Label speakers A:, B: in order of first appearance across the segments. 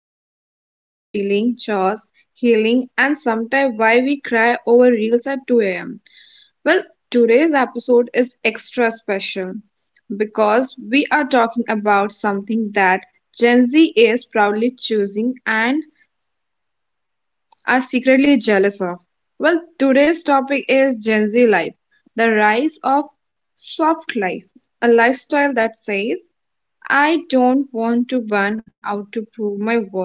A: about life, feeling, chores, healing, and sometimes why we cry over reels at 2 a.m. Well, today's episode is extra special because we are talking about something that Gen Z is proudly choosing and are secretly jealous of. Well, today's topic is Gen Z life, the rise of soft life, a lifestyle that says, I don't want to burn out to prove my worth.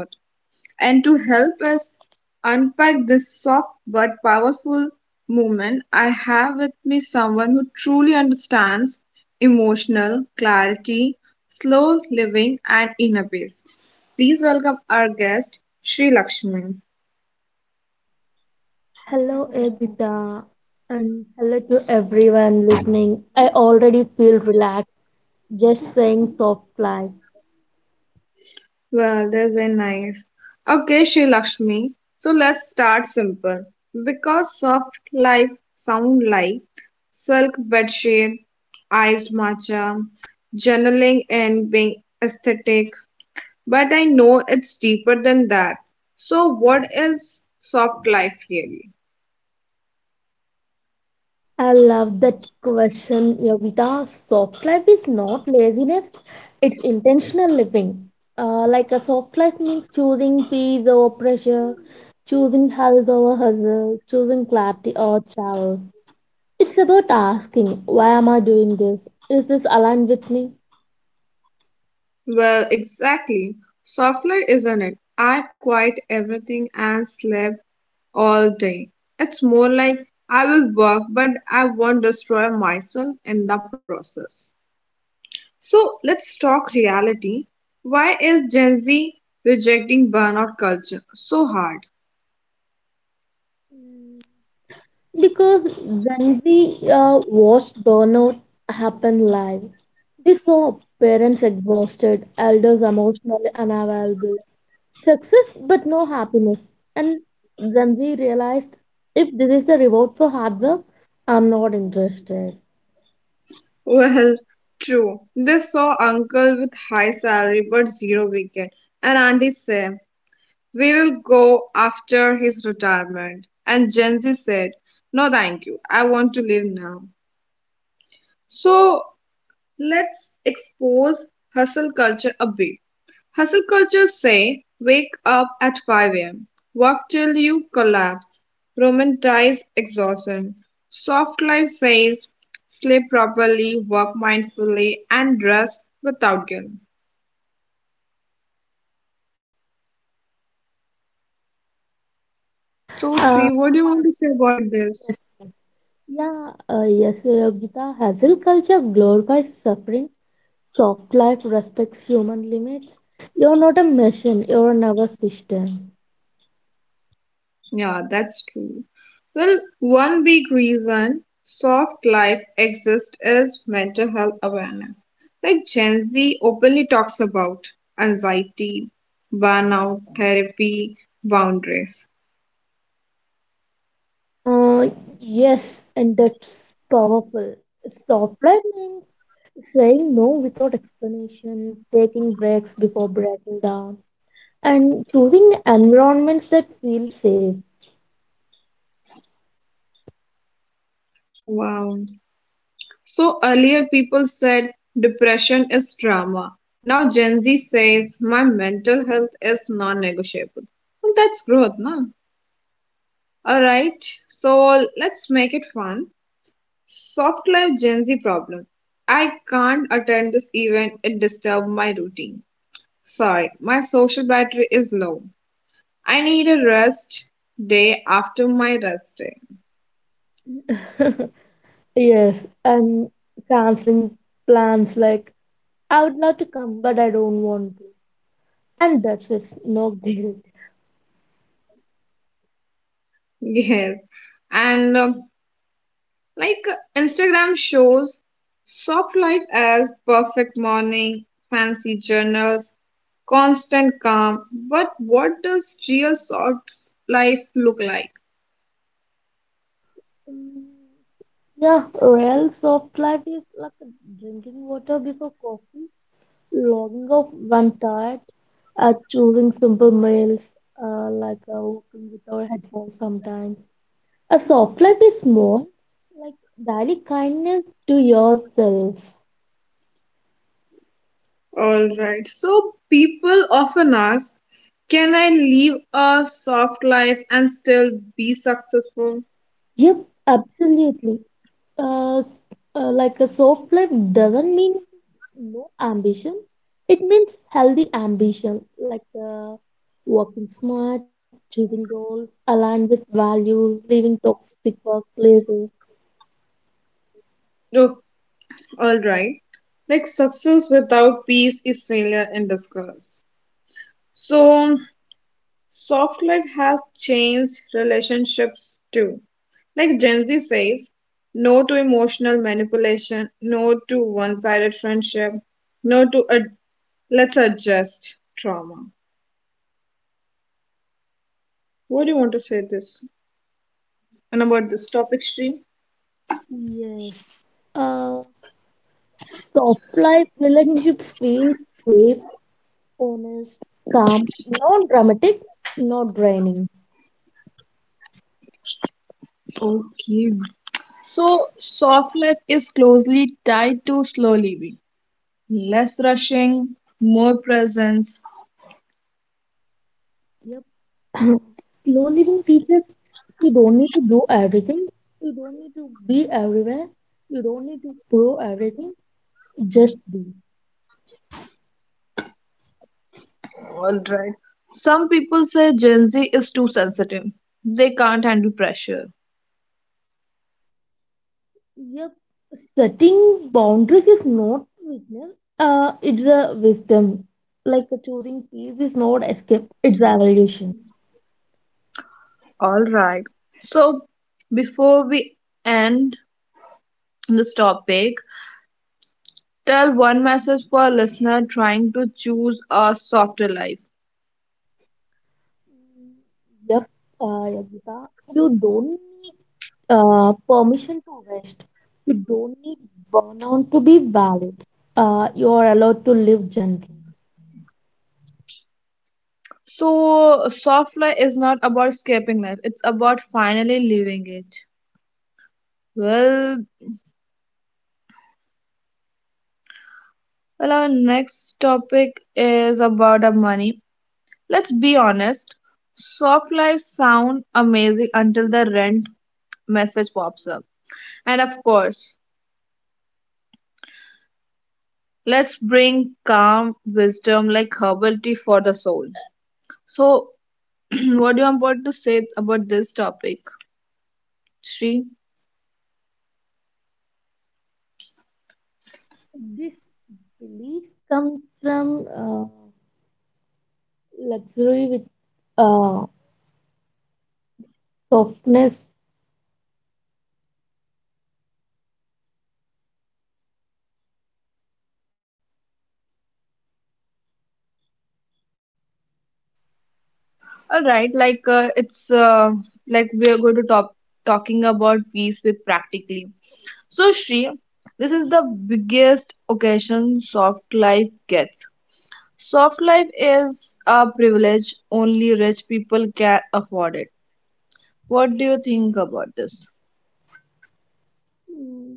A: And to help us unpack this soft but powerful movement, I have with me someone who truly understands emotional clarity, slow living, and inner peace. Please welcome our guest, Sri Lakshmi.
B: Hello, Egda, and hello to everyone listening. I already feel relaxed just saying soft life.
A: Well, that's very nice. Okay, Shri Lakshmi. So let's start simple. Because soft life sound like silk bedsheet, iced matcha, journaling and being aesthetic, but I know it's deeper than that. So what is soft life really?
B: I love that question, Yogita. Soft life is not laziness, it's intentional living. Like a soft life means choosing peace over pressure, choosing health over hustle, choosing clarity over chaos. It's about asking, why am I doing this? Is this aligned with me?
A: Well, exactly. Soft life isn't it? I quit everything and slept all day. It's more like I will work, but I won't destroy myself in the process. So let's talk reality. Why is Gen Z rejecting burnout culture so hard?
B: Because when we watched burnout happen live, we saw parents exhausted, elders emotionally unavailable, success but no happiness. And then we realized if this is the reward for hard work, I'm not interested.
A: Well, true. They saw uncle with high salary but zero weekend, and auntie said, "We will go after his retirement." And Gen Z said, "No, thank you. I want to live now." So let's expose hustle culture a bit. Hustle cultures say wake up at 5 a.m., work till you collapse, romanticize exhaustion. Soft life says sleep properly, work mindfully, and rest without guilt. So,
B: Uh,
A: Sri, what do you want to say about this?
B: yeah, yes, Gita, hustle culture glorifies suffering, soft life respects human limits. You're not a machine, you're a nervous system.
A: Yeah, that's true. Well, one big reason soft life exists is mental health awareness. Like Gen Z openly talks about anxiety, burnout, therapy, boundaries.
B: Uh, yes, and that's powerful. Soft life means saying no without explanation, taking breaks before breaking down, and choosing environments that feel safe.
A: Wow. So earlier people said depression is drama. Now Gen Z says my mental health is non negotiable. Well, that's growth, no? Alright, so let's make it fun. Soft life Gen Z problem. I can't attend this event, it disturbed my routine. Sorry, my social battery is low. I need a rest day after my rest day.
B: Yes, and canceling plans like I would love to come, but I don't want to. And that's it, no guilt.
A: Yes. And like Instagram shows soft life as perfect morning, fancy journals, constant calm. But what does real soft life look like?
B: Mm, yeah, real soft life is like drinking water before coffee, logging off when tired, choosing simple meals, walking with our headphones sometimes. A soft life is more like daily kindness to yourself.
A: All right. So people often ask, can I live a soft life and still be successful?
B: Yep, absolutely. Uh, s- like a soft life doesn't mean no ambition. It means healthy ambition, like working smart, choosing goals aligned with values, leaving toxic workplaces.
A: Oh, all right. Like success without peace is failure in disguise. So soft life has changed relationships too. Like Gen Z says, no to emotional manipulation, no to one-sided friendship, no to let's adjust trauma. What do you want to say this? And about this topic, Sri.
B: Yes. Uh, Soft life relationship feel safe, honest, calm, not dramatic, not draining.
A: Okay. So, soft life is closely tied to slow living, less rushing, more presence.
B: Yep. Slow living teaches you don't need to do everything, you don't need to be everywhere, you don't need to prove everything, just be.
A: All right. Some people say Gen Z is too sensitive, they can't handle pressure.
B: Yep. Setting boundaries is not weakness, it's a wisdom. Like choosing peace is not escape, it's evolution.
A: All right. So, before we end this topic, tell one message for a listener trying to choose a softer life.
B: Mm, yep, Yogita, you don't need permission to rest. You don't need burnout to be valid. You are allowed to live gently.
A: So, soft life is not about escaping life, it's about finally living it. Well, well, our next topic is about our money. Let's be honest, soft life sound amazing until the rent message pops up. And of course, let's bring calm wisdom like herbal tea for the soul. So, what do you want to say about this topic, Sri?
B: So, this belief comes from luxury with uh, softness.
A: All right, like we are going to talking about peace with practically. So Shri, this is the biggest occasion soft life gets. Soft life is a privilege only rich people can afford it. What do you think about this?
B: Mm,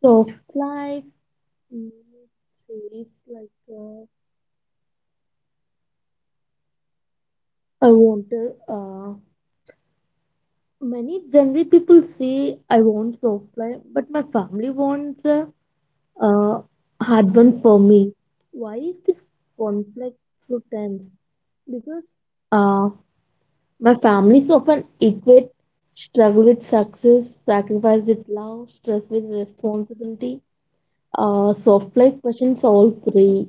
B: soft life, mm, series like I want to. Many generally people say I want soft life, but my family wants. Uh, Hard one for me. Why is this conflict so tense? Because uh, my families often equate struggle with success, sacrifice with love, stress with responsibility. Soft life questions all three.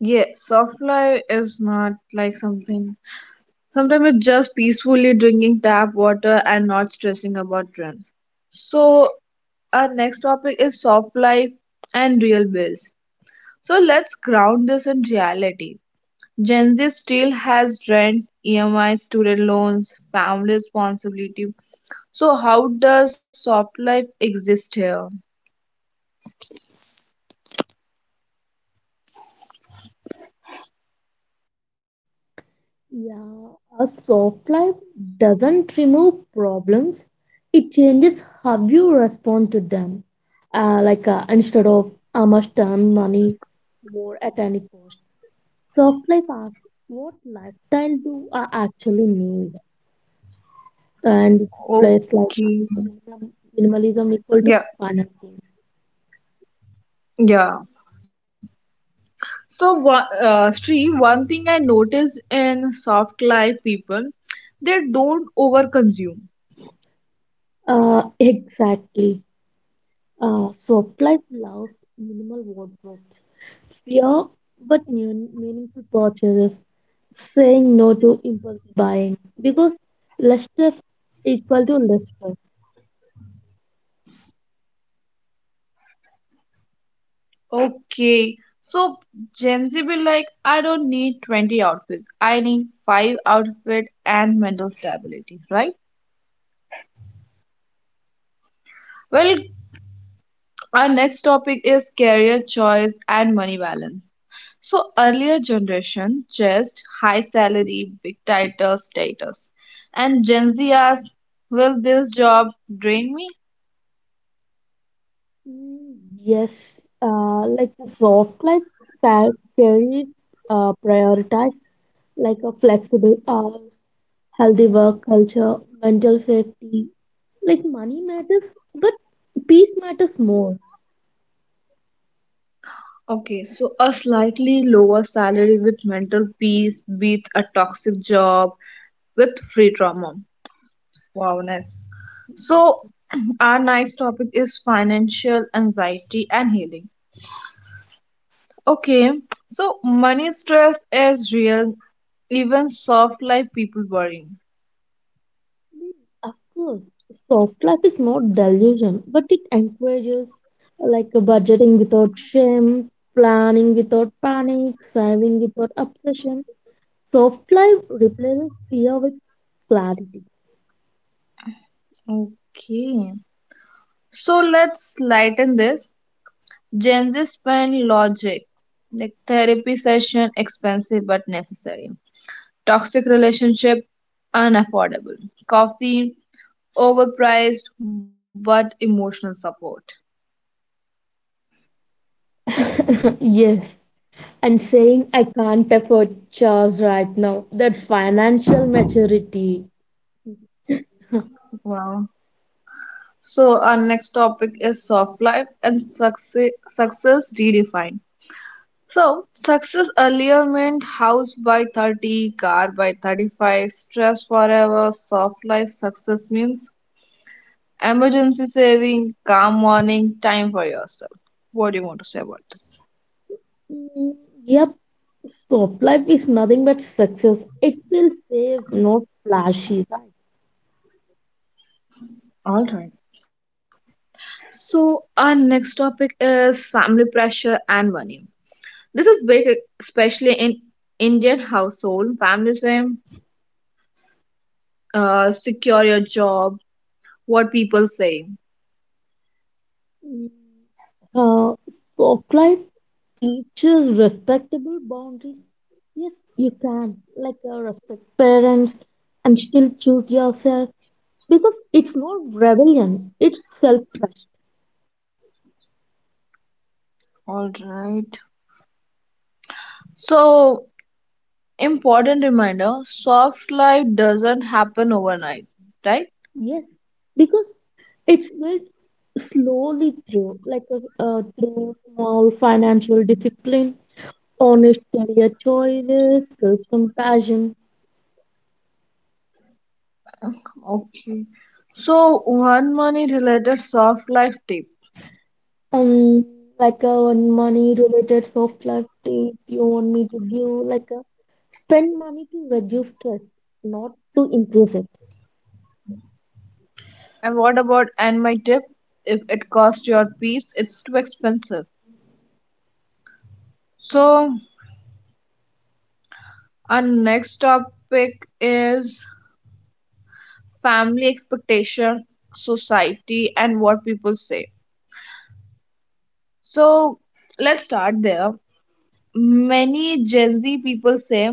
A: Yeah, soft life is not like something. Sometimes it's just peacefully drinking tap water and not stressing about trends. So, our next topic is soft life and real bills. So, let's ground this in reality. Gen Z still has rent, EMI, student loans, family responsibility. So, how does soft life exist here?
B: Yeah, a soft life doesn't remove problems. It changes how you respond to them. Instead of I must earn money more at any cost. Soft life asks what lifestyle do I actually need? And it you like
A: Okay.
B: minimum, minimalism equal to
A: Yeah,
B: final things.
A: yeah. So, Sri, one thing I notice in soft life people, they don't overconsume.
B: Exactly. Soft life loves minimal wardrobes, fear meaningful purchases, saying no to impulse buying because less stress equal to less stress.
A: Okay, so Gen Z be like, I don't need 20 outfits. I need five outfits and mental stability, right? Well, our next topic is career choice and money balance. So, earlier generation just high salary, big title, status, and Gen Z asks, will this job drain me?
B: Mm, yes, like the soft life ca- carries prioritize like a flexible hour, healthy work culture, mental safety. Like money matters, but peace matters more.
A: Okay, so a slightly lower salary with mental peace beats a toxic job with free trauma. Wow, nice. So,
B: Mm,
A: our next topic is financial anxiety and healing. Okay, so money stress is real, even soft life people worrying.
B: of course, soft life is not delusion, but it encourages like a budgeting without shame, planning without panic, saving without obsession. Soft life replaces fear with clarity.
A: Okay, so let's lighten this. Gen Z spend logic, like therapy session, expensive but necessary. Toxic relationship, unaffordable. Coffee, overpriced, but emotional support.
B: Yes. And saying I can't afford chores right now. That financial maturity.
A: Wow. So our next topic is soft life and success, success redefined. So success earlier meant house by 30, car by 35, stress forever, soft life success means emergency saving, calm morning, time for yourself. What do you want to say about this?
B: Mm, yep, soap life is nothing but success. It feels safe, not flashy, right?
A: All right. So, our next topic is family pressure and money. This is big, especially in Indian household. Families say, secure your job, what people say.
B: Mm, Uh, soap life teaches respectable boundaries. Yes, you can, like respect parents and still choose yourself because it's not rebellion, it's self trust.
A: All right. So, important reminder soft life doesn't happen overnight, right?
B: Yes, because it will slowly through, like through small financial discipline, honest career choices, self-compassion.
A: Okay. So, one money related soft life tip.
B: Um, like a money-related soft life tip you want me to give, like a spend money to reduce stress, not to increase it.
A: And what about and my tip? If it costs your peace, it's too expensive. So, our next topic is family expectation, society, and what people say. So let's start there. Many Gen Z people say,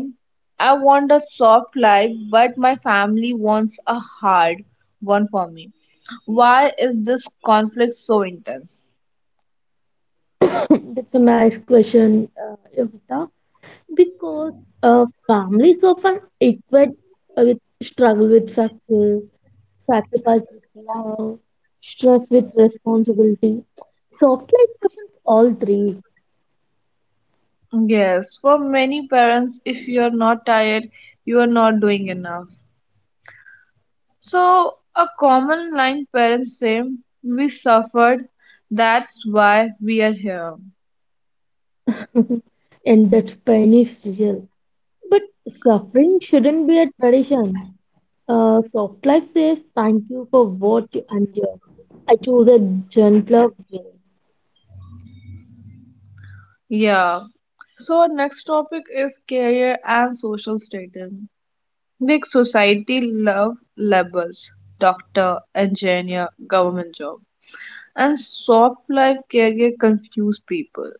A: I want a soft life, but my family wants a hard one for me. Why is this conflict so intense?
B: That's a nice question, Yogita. Because families often equate with struggle with success, sacrifice with love, stress with responsibility. Soft life questions all three,
A: Yes, for many parents, if you're not tired, you are not doing enough. So, a common line parents say, we suffered, that's why we are here.
B: and that pain is real. But suffering shouldn't be a tradition. Soft life says thank you for what you endured. I choose a gentler way.
A: Yeah. So, our next topic is career and social status. Big society love labels doctor, engineer, government job. And soft life career confuse people.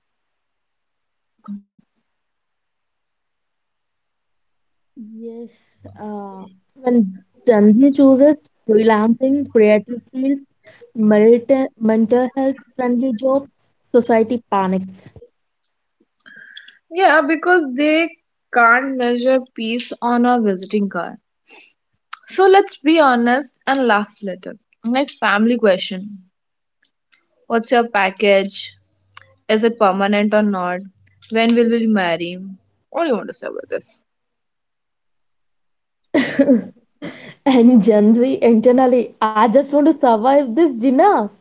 B: Yes, uh, when Janji chooses freelancing, creative field, mental health friendly job, society panics.
A: Yeah, because they can't measure peace on a visiting card. So, let's be honest and laugh later. Like family question. What's your package? Is it permanent or not? When will we marry? What do you want to say about this?
B: And Gen Z internally, I just want to survive this dinner.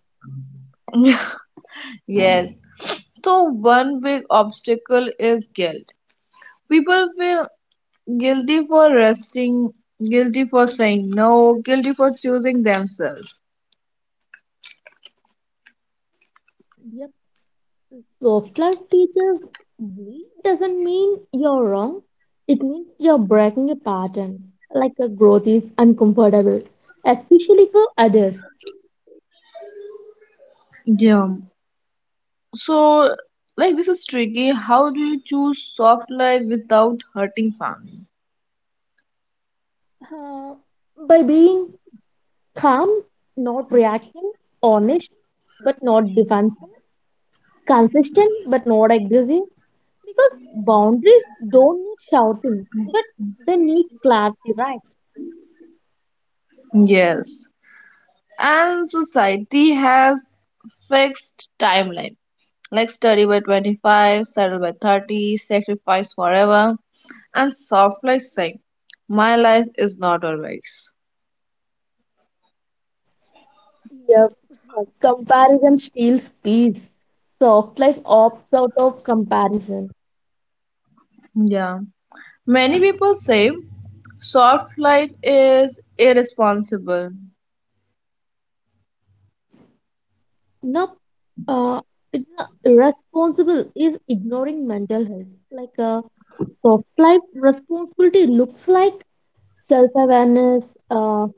A: Yes. So one big obstacle is guilt. People feel guilty for resting, guilty for saying no, guilty for choosing themselves.
B: Yep, soft life teachers, bleed doesn't mean you're wrong. It means you're breaking a pattern. Like a growth is uncomfortable, especially for others.
A: Yeah. So like this is tricky. How do you choose soft life without hurting family?
B: Uh, by being calm, not reactive, honest, but not defensive, consistent, but not aggressive. Because boundaries don't need shouting, but they need clarity, right?
A: Yes. And society has fixed timeline like study by 25 settle by 30 sacrifice forever, and soft life saying my life is not always.
B: Yep. Comparison steals peace. Soft life opts out of comparison.
A: Yeah, many people say soft life is irresponsible.
B: Now, Uh, it's not irresponsible is ignoring mental health. Like a soft life responsibility looks like self awareness,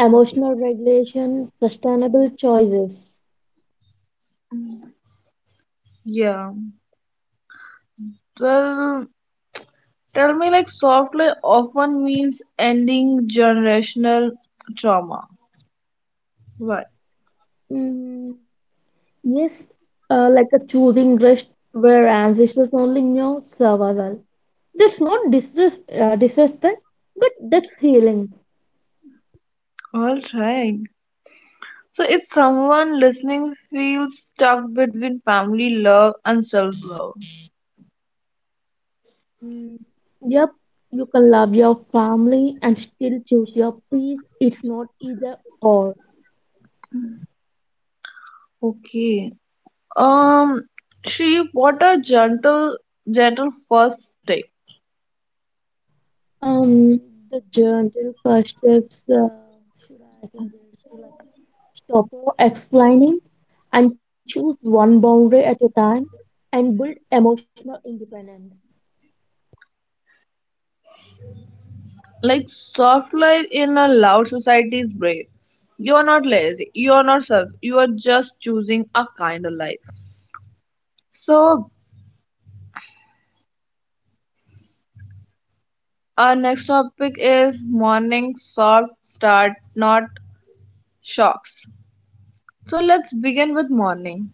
B: emotional regulation, sustainable choices.
A: Yeah, well, tell me like soft life often means ending generational trauma, right?
B: Mm. Yes, like a choosing rest where ancestors only knew survival. That's not disrespect, but that's healing.
A: All right. So if someone listening feels stuck between family love and self-love,
B: Mm, yep, you can love your family and still choose your peace. It's not either or.
A: okay. Um, Shri, what are gentle first step?
B: Um, the journey first steps. Should I suggest to like stop or explaining and choose one boundary at a time and build emotional independence?
A: Like soft life in a loud society is brave. You are not lazy. You are not self. You are just choosing a kind of life. So our next topic is morning soft start, not shocks. So let's begin with morning.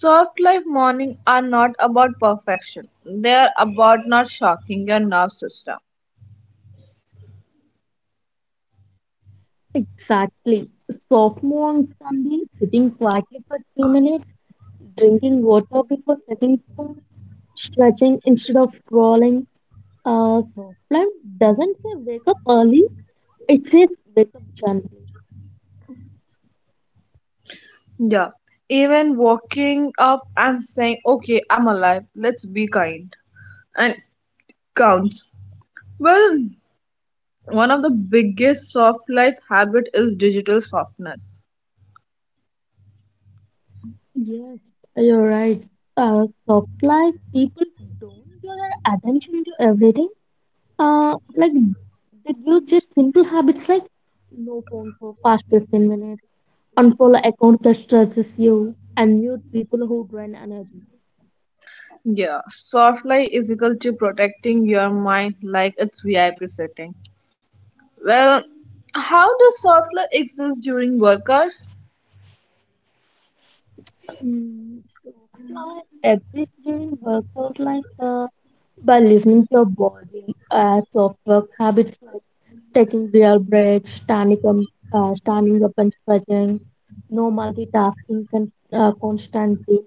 A: Soft life morning are not about perfection. They are about not shocking your nervous system.
B: Exactly. Sophomore on Sunday, sitting quietly for two minutes, drinking water before setting food, stretching instead of scrolling. Soft life doesn't say wake up early, it says wake up gently.
A: Yeah. Even waking up and saying, okay, I'm alive, let's be kind. And counts. Well, one of the biggest soft life habit is digital softness.
B: Yes, you're right. Soft life people don't give their attention to everything. Like they give just simple habits like no phone for past 15 minutes. Unfollow account that stresses you and mute people who drain energy.
A: Yeah, soft life is equal to protecting your mind like it's VIP setting. Well, how does soft life exist during work hours?
B: Mm, so start everyday workout like by listening to your body as of work habits like taking real breaks, standing up and stretching, no multitasking constantly.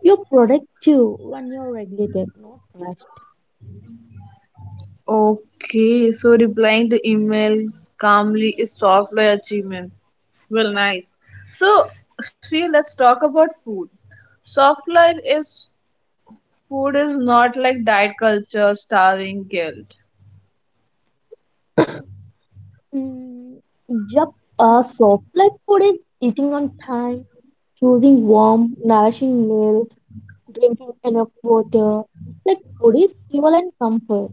B: You're productive when you're regulated, not rushed.
A: Okay, so replying to emails calmly is software achievement. Well, nice. So, Sri, let's talk about food. Soft life is food is not like diet culture, starving, guilt.
B: Mm, yep, soft like food is eating on time, choosing warm, nourishing meals, drinking enough water. Like food is fuel and comfort.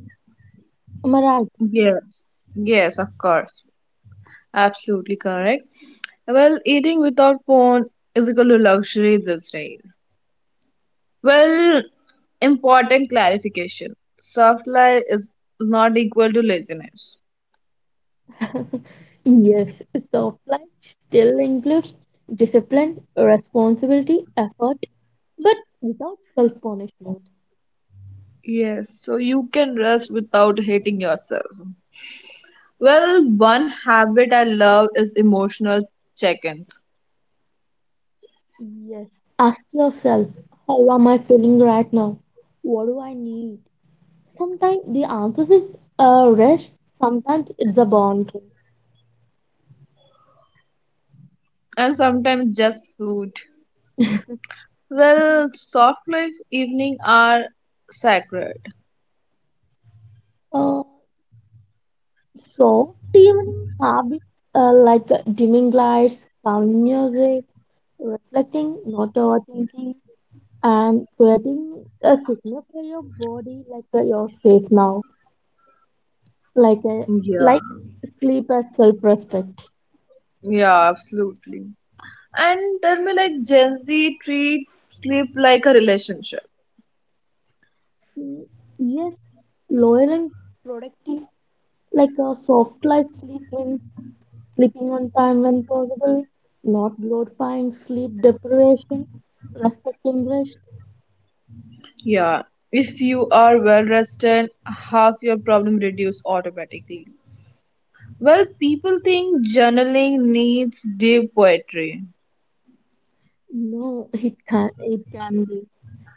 B: Am I right?
A: Yes. Yes, of course. Absolutely correct. Well, eating without phone is equal to luxury these days. Well, important clarification. Soft life is not equal to laziness.
B: Yes, soft life still includes discipline, responsibility, effort, but without self punishment.
A: Yes, so you can rest without hating yourself. Well, one habit I love is emotional check-ins.
B: Yes, ask yourself, how am I feeling right now? What do I need? Sometimes the answer is a rest, sometimes it's a boundary.
A: And sometimes just food. Well, soft life evening are sacred.
B: Uh, Soft evening habits like dimming lights, calm music, reflecting, not overthinking, and creating a signal for your body like you're safe now, like uh,
A: Yeah,
B: like sleep as self-respect.
A: yeah, absolutely. And tell me like Gen Z treat sleep like a relationship.
B: Mm, yes, loyal and productive, like a soft life sleep when sleeping on time when possible, not glorifying sleep deprivation, respecting rest.
A: Yeah, if you are well rested, half your problem reduce automatically. Well, people think journaling needs deep poetry.
B: No, it can be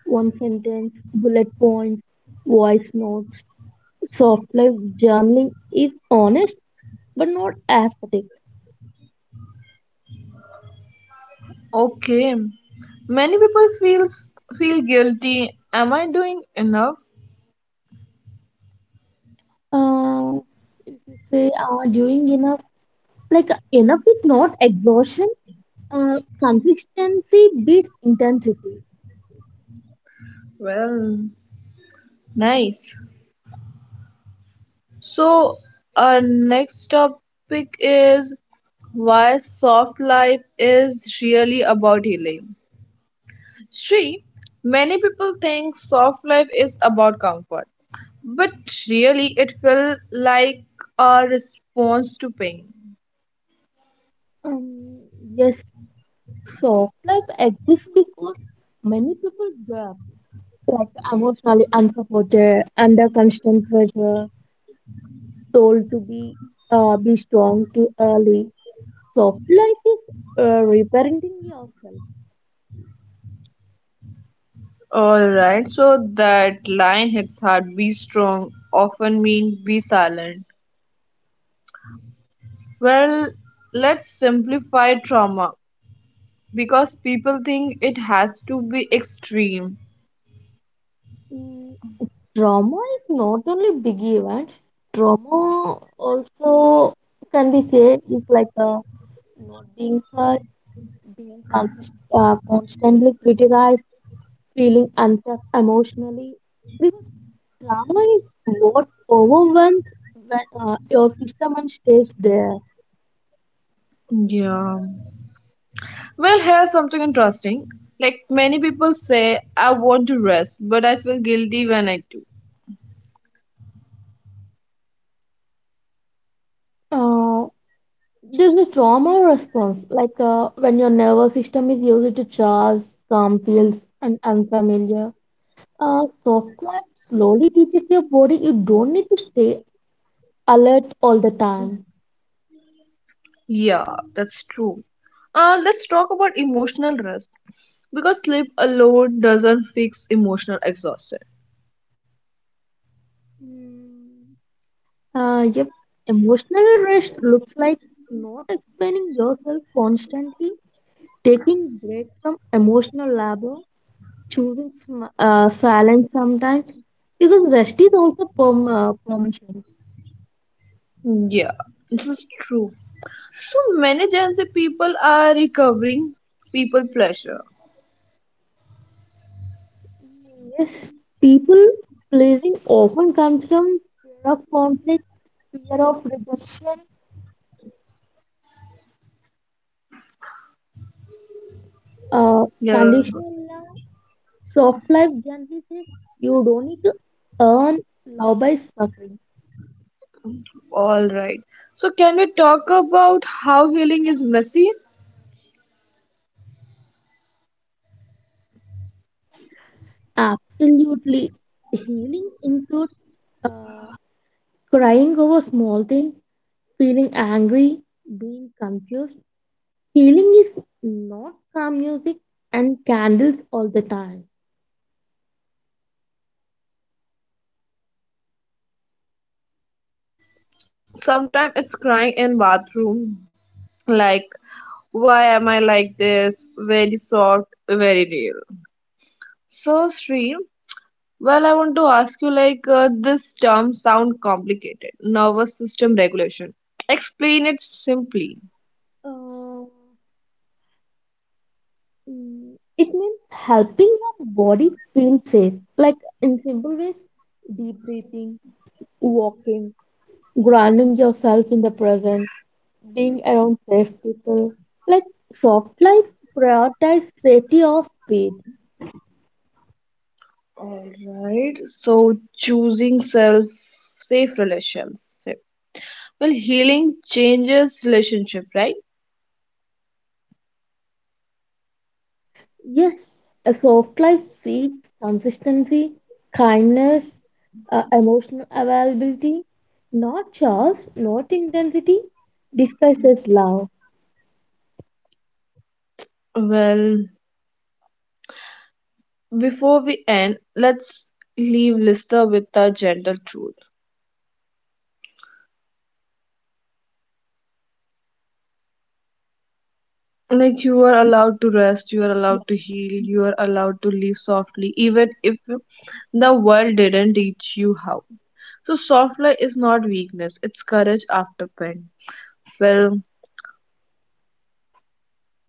B: one sentence, bullet points, voice notes. Soft life journaling is honest but not aesthetic.
A: Okay. Many people feel guilty. Am I doing enough?
B: Uh, if you say doing enough, like enough is not exhaustion. Consistency beats intensity.
A: Well, nice. So, our next topic is why soft life is really about healing. Sri, many people think soft life is about comfort, but really it felt like a response to pain.
B: Um, yes, soft life exists because many people were like emotionally unsupported, under constant pressure, told to be strong too early. Soft life is reparenting yourself.
A: All right, so that line hits hard, be strong often mean be silent. Well, let's simplify trauma because people think it has to be extreme.
B: Mm, trauma is not only big event. Trauma also can be said is like not being hurt, being constantly criticized, feeling unsafe emotionally. Because trauma is what overwhelms your system and stays there.
A: Yeah. Well, here's something interesting. Like many people say, I want to rest, but I feel guilty when I do.
B: Uh, there's a trauma response, like when your nervous system is used to charge, calm feels, and unfamiliar. Soft life slowly teaches your body you don't need to stay alert all the time.
A: Yeah, that's true. Let's talk about emotional rest because sleep alone doesn't fix emotional exhaustion.
B: Mm, yep. Emotional rest looks like not explaining yourself constantly, taking breaks from emotional labor, choosing silence sometimes, because rest is also permission.
A: Yeah, this is true. So many Gen Z people are recovering people pleasure.
B: Yes, people pleasing often comes from fear of conflict, fear of rejection, uh,
A: Yeah,
B: conditional love. Soft life generally says you don't need to earn love by suffering.
A: all right. So can we talk about how healing is messy?
B: Absolutely. Healing includes uh, crying over small things, feeling angry, being confused. Healing is not calm music and candles all the time.
A: Well, sometimes it's crying in bathroom, like why am I like this? Very soft, very real. So Sri, well I want to ask you this term sound complicated. Nervous system regulation. Explain it simply.
B: Um, mm, it means helping your body feel safe. Like in simple ways, deep breathing, walking, grounding yourself in the present, being around safe people. Like soft life prioritize safety of speed.
A: All right. So choosing self safe relationship. Well, healing changes relationship, right?
B: Yes, a soft life seeks consistency, kindness, emotional availability, not chores, not intensity. Discuss this love.
A: Well, before we end, let's leave Lister with a gentle truth. Like you are allowed to rest, you are allowed to heal, you are allowed to live softly, even if the world didn't teach you how. So softly is not weakness, it's courage after pain. Well,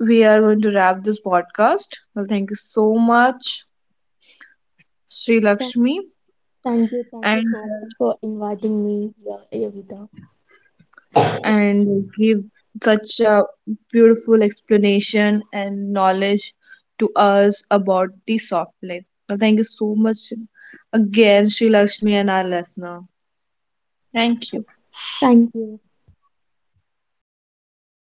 A: we are going to wrap this podcast. Well, thank you so much. Sri Lakshmi,
B: Thank you
A: and
B: so much for inviting me here, Evita.
A: and give such a beautiful explanation and knowledge to us about the soft life. So thank you so much again, Sri Lakshmi and our listener. Thank you.
B: Thank you.